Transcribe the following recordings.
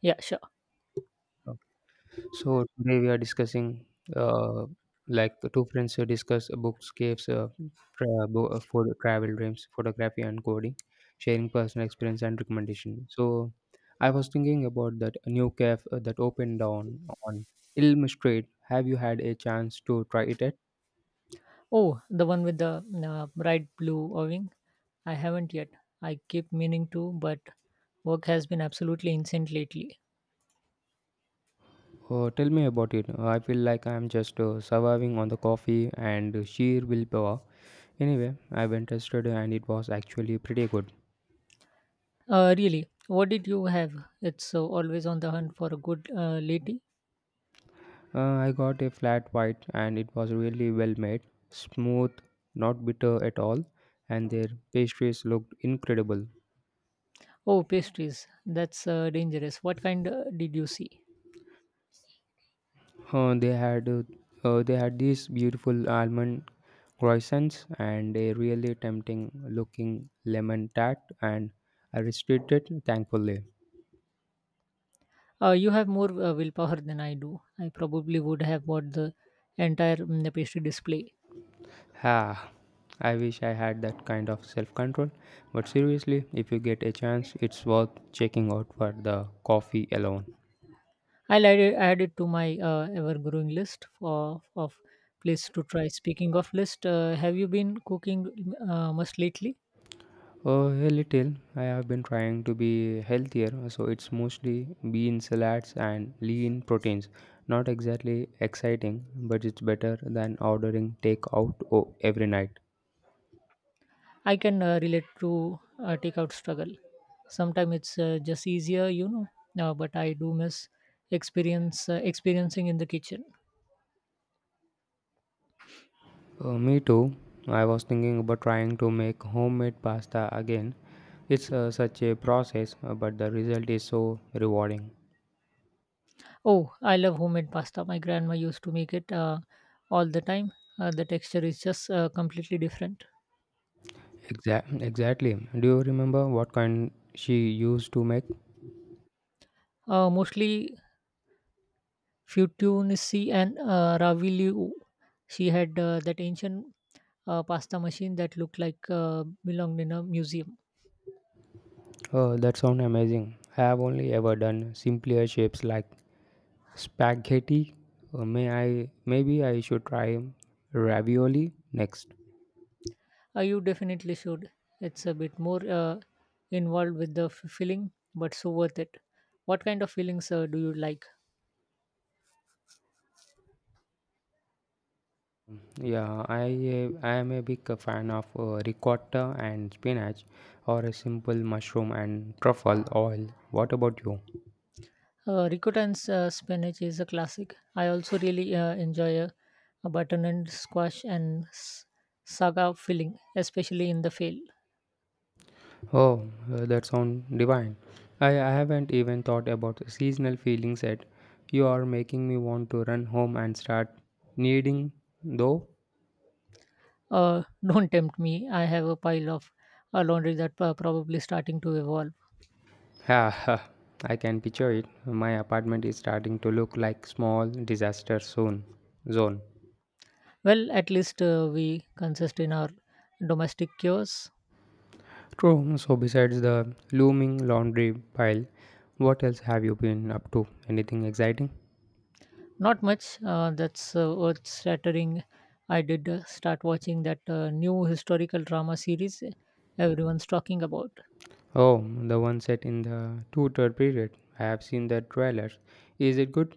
Yeah, sure. So today we are discussing uh, like two friends who discuss bookscapes, for travel dreams, photography and coding, sharing personal experience and recommendation. So I was thinking about that new cafe that opened down on Ilm Street. Have you had a chance to try it yet? Oh, the one with the bright blue Irving? I haven't yet. I keep meaning to, but work has been absolutely insane lately. Oh, tell me about it. I feel like I'm just surviving on the coffee and sheer willpower. Anyway, I went tested and it was actually pretty good. Really, what did you have? It's always on the hunt for a good lady. I got a flat white and it was really well made, smooth, not bitter at all, and their pastries looked incredible. Oh, pastries. That's dangerous. What kind did you see? Uh, they had uh, they had these beautiful almond croissants and a really tempting looking lemon tart, and I restricted thankfully. You have more willpower than I do. I probably would have bought the entire pastry display. Ha! I wish I had that kind of self control, but seriously, if you get a chance, it's worth checking out for the coffee alone. I'll add it to my ever-growing list of places to try. Speaking of list, have you been cooking much lately? A little. I have been trying to be healthier, so it's mostly bean salads and lean proteins. Not exactly exciting, but it's better than ordering takeout every night. I can relate to takeout struggle. Sometimes it's just easier, you know. But I do miss experience experiencing in the kitchen. Me too. I was thinking about trying to make homemade pasta again. It's such a process, but the result is so rewarding. Oh, I love homemade pasta. My grandma used to make it all the time. The texture is just completely different. Exactly. Do you remember what kind she used to make? Mostly fettuccine and ravioli. She had that ancient pasta machine that looked like belonged in a museum. Oh, that sounds amazing. I have only ever done simpler shapes like spaghetti. Maybe I should try ravioli next. You definitely should. It's a bit more involved with the filling, but so worth it. What kind of fillings do you like? Yeah, I am a big fan of ricotta and spinach, or a simple mushroom and truffle oil. What about you? Ricotta and spinach is a classic. I also really enjoy a butternut squash and saga filling, especially in the fail. Oh, that sounds divine. I haven't even thought about seasonal feelings yet. You are making me want to run home and start kneading, though. Don't tempt me. I have a pile of laundry that probably starting to evolve. Yeah, I can picture it. My apartment is starting to look like small disaster zone. Well, at least we consist in our domestic chores. True. So besides the looming laundry pile, what else have you been up to? Anything exciting? Not much. That's earth shattering. I did start watching that new historical drama series everyone's talking about. Oh, the one set in the two-third period. I have seen the trailer. Is it good?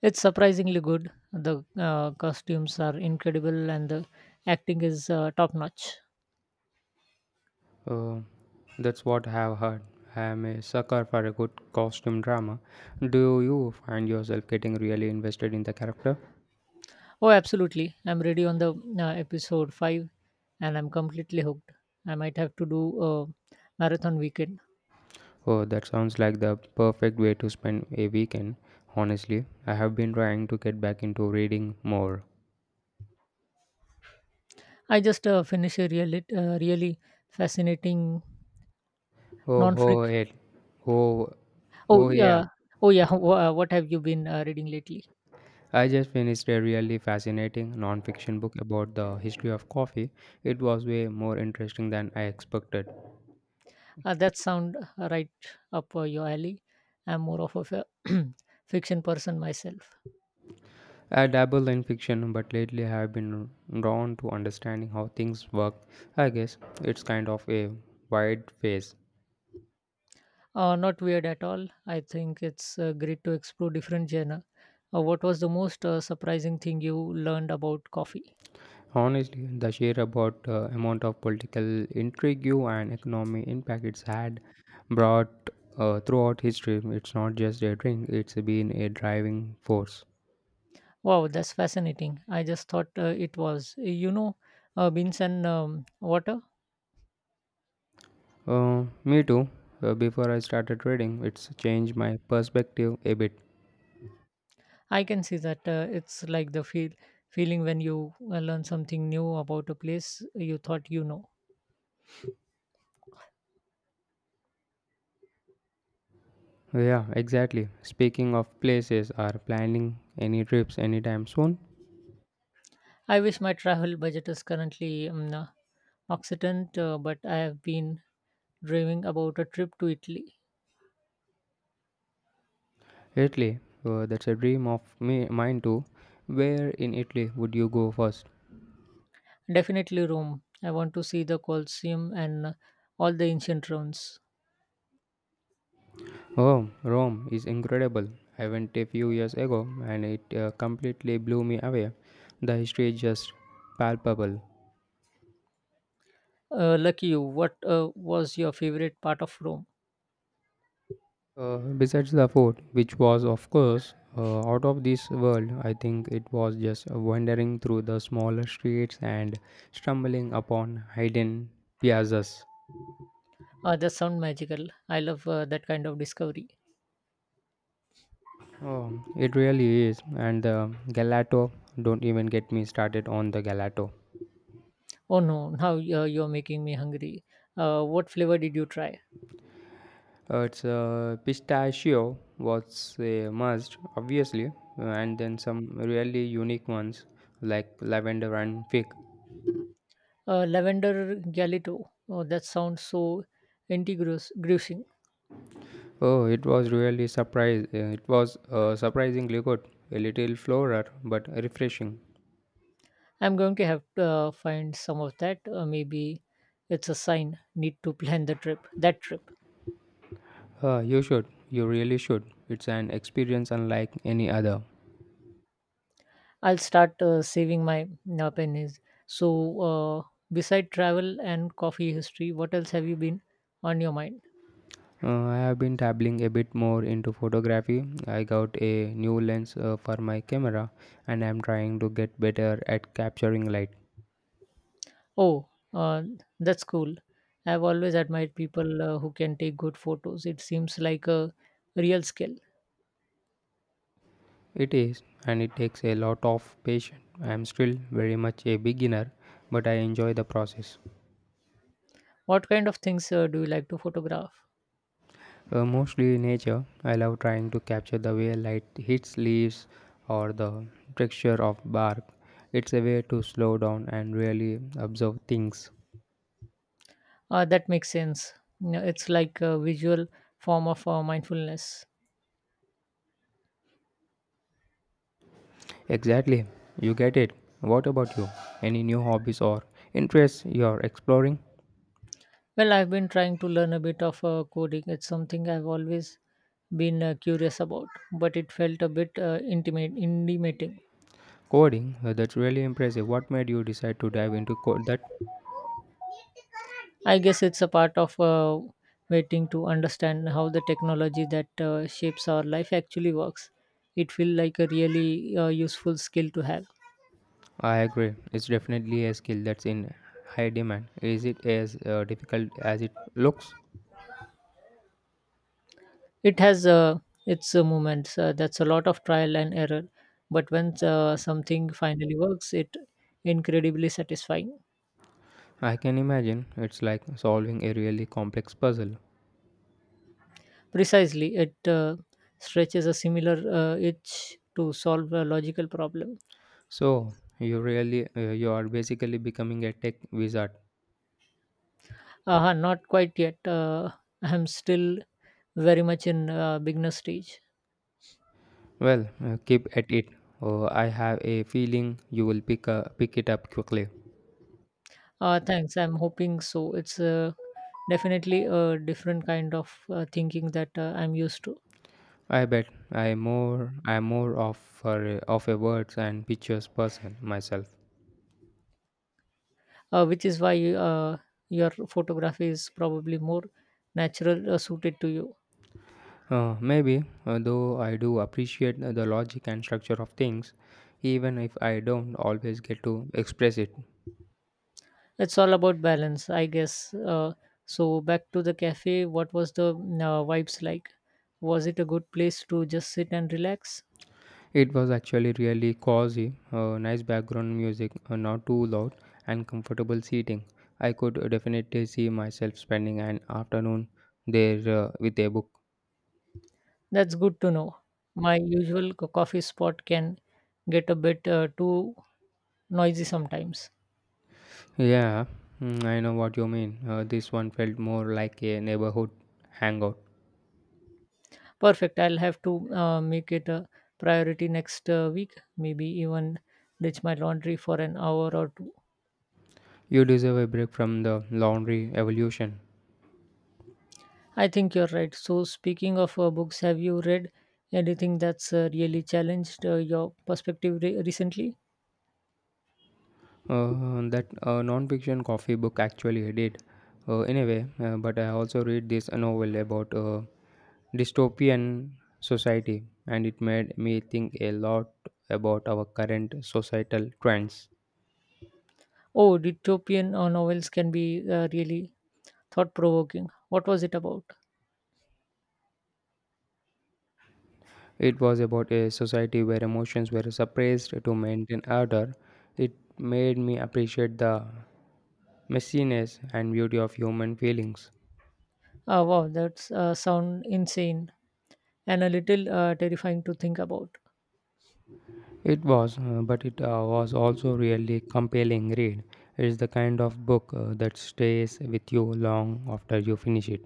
It's surprisingly good. The costumes are incredible and the acting is top notch. Uh, that's what I have heard. I am a sucker for a good costume drama. Do you find yourself getting really invested in the character? Oh, absolutely. I'm ready on the episode 5 and I'm completely hooked. I might have to do a marathon weekend. Oh, that sounds like the perfect way to spend a weekend. Honestly, I have been trying to get back into reading more. I just finished a really fascinating Oh, oh, non-freak. it. Oh, Oh oh, yeah. yeah, oh yeah. What have you been reading lately? I just finished a really fascinating non-fiction book about the history of coffee. It was way more interesting than I expected. That sound right up your alley. I'm more of a fiction person myself. I dabble in fiction, but lately I have been drawn to understanding how things work. I guess it's kind of a wide phase. Not weird at all. I think it's great to explore different genre. What was the most surprising thing you learned about coffee? Honestly, the sheer about amount of political intrigue and economic impact it's had brought throughout history. It's not just a drink; it's been a driving force. Wow, that's fascinating. I just thought it was, you know, beans and water. Me too. Before I started trading, it's changed my perspective a bit. I can see that it's like the feeling when you learn something new about a place you thought you know. Yeah, exactly. Speaking of places, are planning any trips anytime soon? I wish my travel budget is currently Occident, but I have been dreaming about a trip to Italy. Italy. That's a dream of mine too. Where in Italy would you go first? Definitely Rome. I want to see the Colosseum and all the ancient ruins. Oh, Rome is incredible. I went a few years ago and it completely blew me away. The history is just palpable. Lucky you. What was your favorite part of Rome? Besides the food, which was, of course, out of this world, I think it was just wandering through the smaller streets and stumbling upon hidden piazzas. That sound magical. I love that kind of discovery. Oh, it really is. And the gelato, don't even get me started on the gelato. Oh no, now you're making me hungry. What flavor did you try? It's Pistachio was a must, obviously, and then some really unique ones like lavender and fig. Lavender galito. Oh, that sounds so intriguing. Oh, it was really surprise. It was surprisingly good, a little floral but refreshing. I'm going to have to find some of that. Maybe it's a sign. Need to plan the trip. That trip. You really should. It's an experience unlike any other. I'll start saving my pennies. So, uh, beside travel and coffee history, what else have you been on your mind? I have been dabbling a bit more into photography. I got a new lens for my camera, and I'm trying to get better at capturing light. Oh, that's cool. I've always admired people who can take good photos. It seems like a real skill. It is, and it takes a lot of patience. I am still very much a beginner, but I enjoy the process. What kind of things do you like to photograph? Mostly in nature, I love trying to capture the way light hits leaves or the texture of bark. It's a way to slow down and really observe things. That makes sense. You it's like a visual form of mindfulness. Exactly, you get it. What about you? Any new hobbies or interests you are exploring? Well, I've been trying to learn a bit of coding. It's something I've always been curious about, but it felt a bit intimidating. Coding, that's really impressive. What made you decide to dive into code that? I guess it's a part of waiting to understand how the technology that shapes our life actually works. It feels like a really useful skill to have. I agree. It's definitely a skill that's in high demand. Is it as difficult as it looks? It has its moments. That's a lot of trial and error, but when something finally works, it incredibly satisfying. I can imagine it's like solving a really complex puzzle. Precisely, it stretches a similar itch to solve a logical problem. So, you are basically becoming a tech wizard. Aha, not quite yet. I'm still very much in beginner stage. Well, keep at it. Oh, I have a feeling you will pick it up quickly. Thanks. I'm hoping so. It's definitely a different kind of thinking that I'm used to, I am more of of a words and pictures person myself. Which is why your photography is probably more natural suited to you. Maybe, though I do appreciate the logic and structure of things, even if I don't always get to express it. It's all about balance, I guess. So back to the cafe. What was the vibes like? Was it a good place to just sit and relax? It was actually really cozy, nice background music, not too loud, and comfortable seating. I could definitely see myself spending an afternoon there with a book. That's good to know. My usual coffee spot can get a bit too noisy sometimes. Yeah, mm, I know what you mean. This one felt more like a neighborhood hangout. Perfect. I'll have to make it a priority next week, maybe even ditch my laundry for an hour or two. You deserve a break from the laundry evolution. I think you're right. So, speaking of books, have you read anything that's really challenged your perspective recently? That Non-fiction coffee book actually I did in a way, but I also read this novel about dystopian society, and it made me think a lot about our current societal trends. Oh, dystopian novels can be really thought provoking. What was it about? It was about a society where emotions were suppressed to maintain order. It made me appreciate the messiness and beauty of human feelings. Wow, that's sound insane and a little terrifying to think about. It was, but it was also really compelling read. It is the kind of book that stays with you long after you finish it.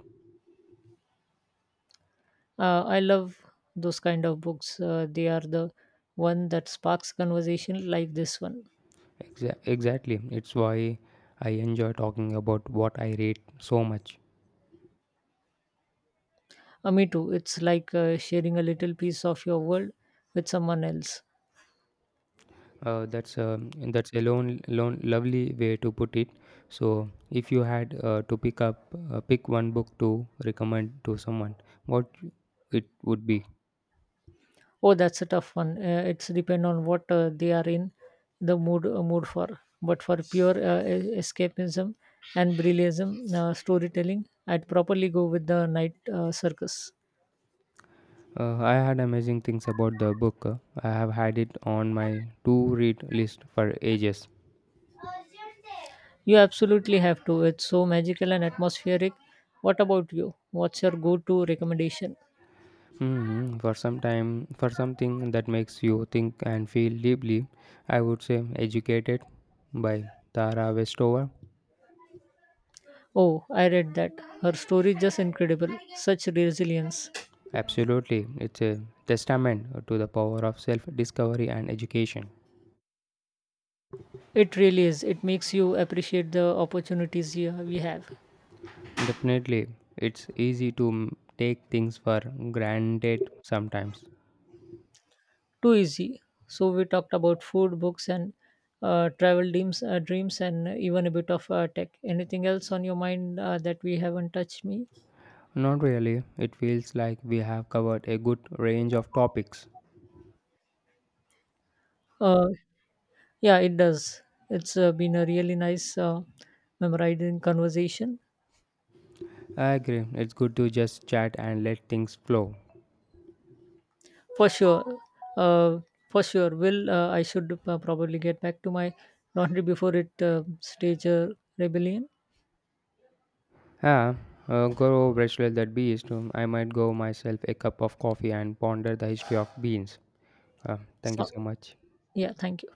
I love those kind of books. They are the one that sparks conversation like this one. Exactly, it's why I enjoy talking about what I read so much. Me too. It's like sharing a little piece of your world with someone else. That's that's a lovely way to put it. So, if you had to pick one book to recommend to someone, what it would be? Oh, that's a tough one. It's depend on what they are in the mood for. But for pure escapism and brilliantism storytelling, I'd properly go with the night circus. I had amazing things about the book. I have had it on my to-read list for ages. You absolutely have to. It's so magical and atmospheric. What about you? What's your go-to recommendation? For some time, for something that makes you think and feel deeply, I would say "Educated" by Tara Westover. Oh, I read that. Her story is just incredible. Such resilience. Absolutely, it's a testament to the power of self-discovery and education. It really is. It makes you appreciate the opportunities here we have. Definitely, it's easy to take things for granted sometimes. Too easy. So we talked about food, books, and travel dreams, and even a bit of tech. Anything else on your mind that we haven't touched? Me? Not really. It feels like we have covered a good range of topics. Uh, yeah, it does. It's been a really nice, memorizing conversation. I agree. It's good to just chat and let things flow. For sure, uh, for sure. Will I should probably get back to my laundry before it stage a rebellion. Yeah, go wrestle that beast. I might go myself a cup of coffee and ponder the history of beans. Thank you So so much. yeah, thank you.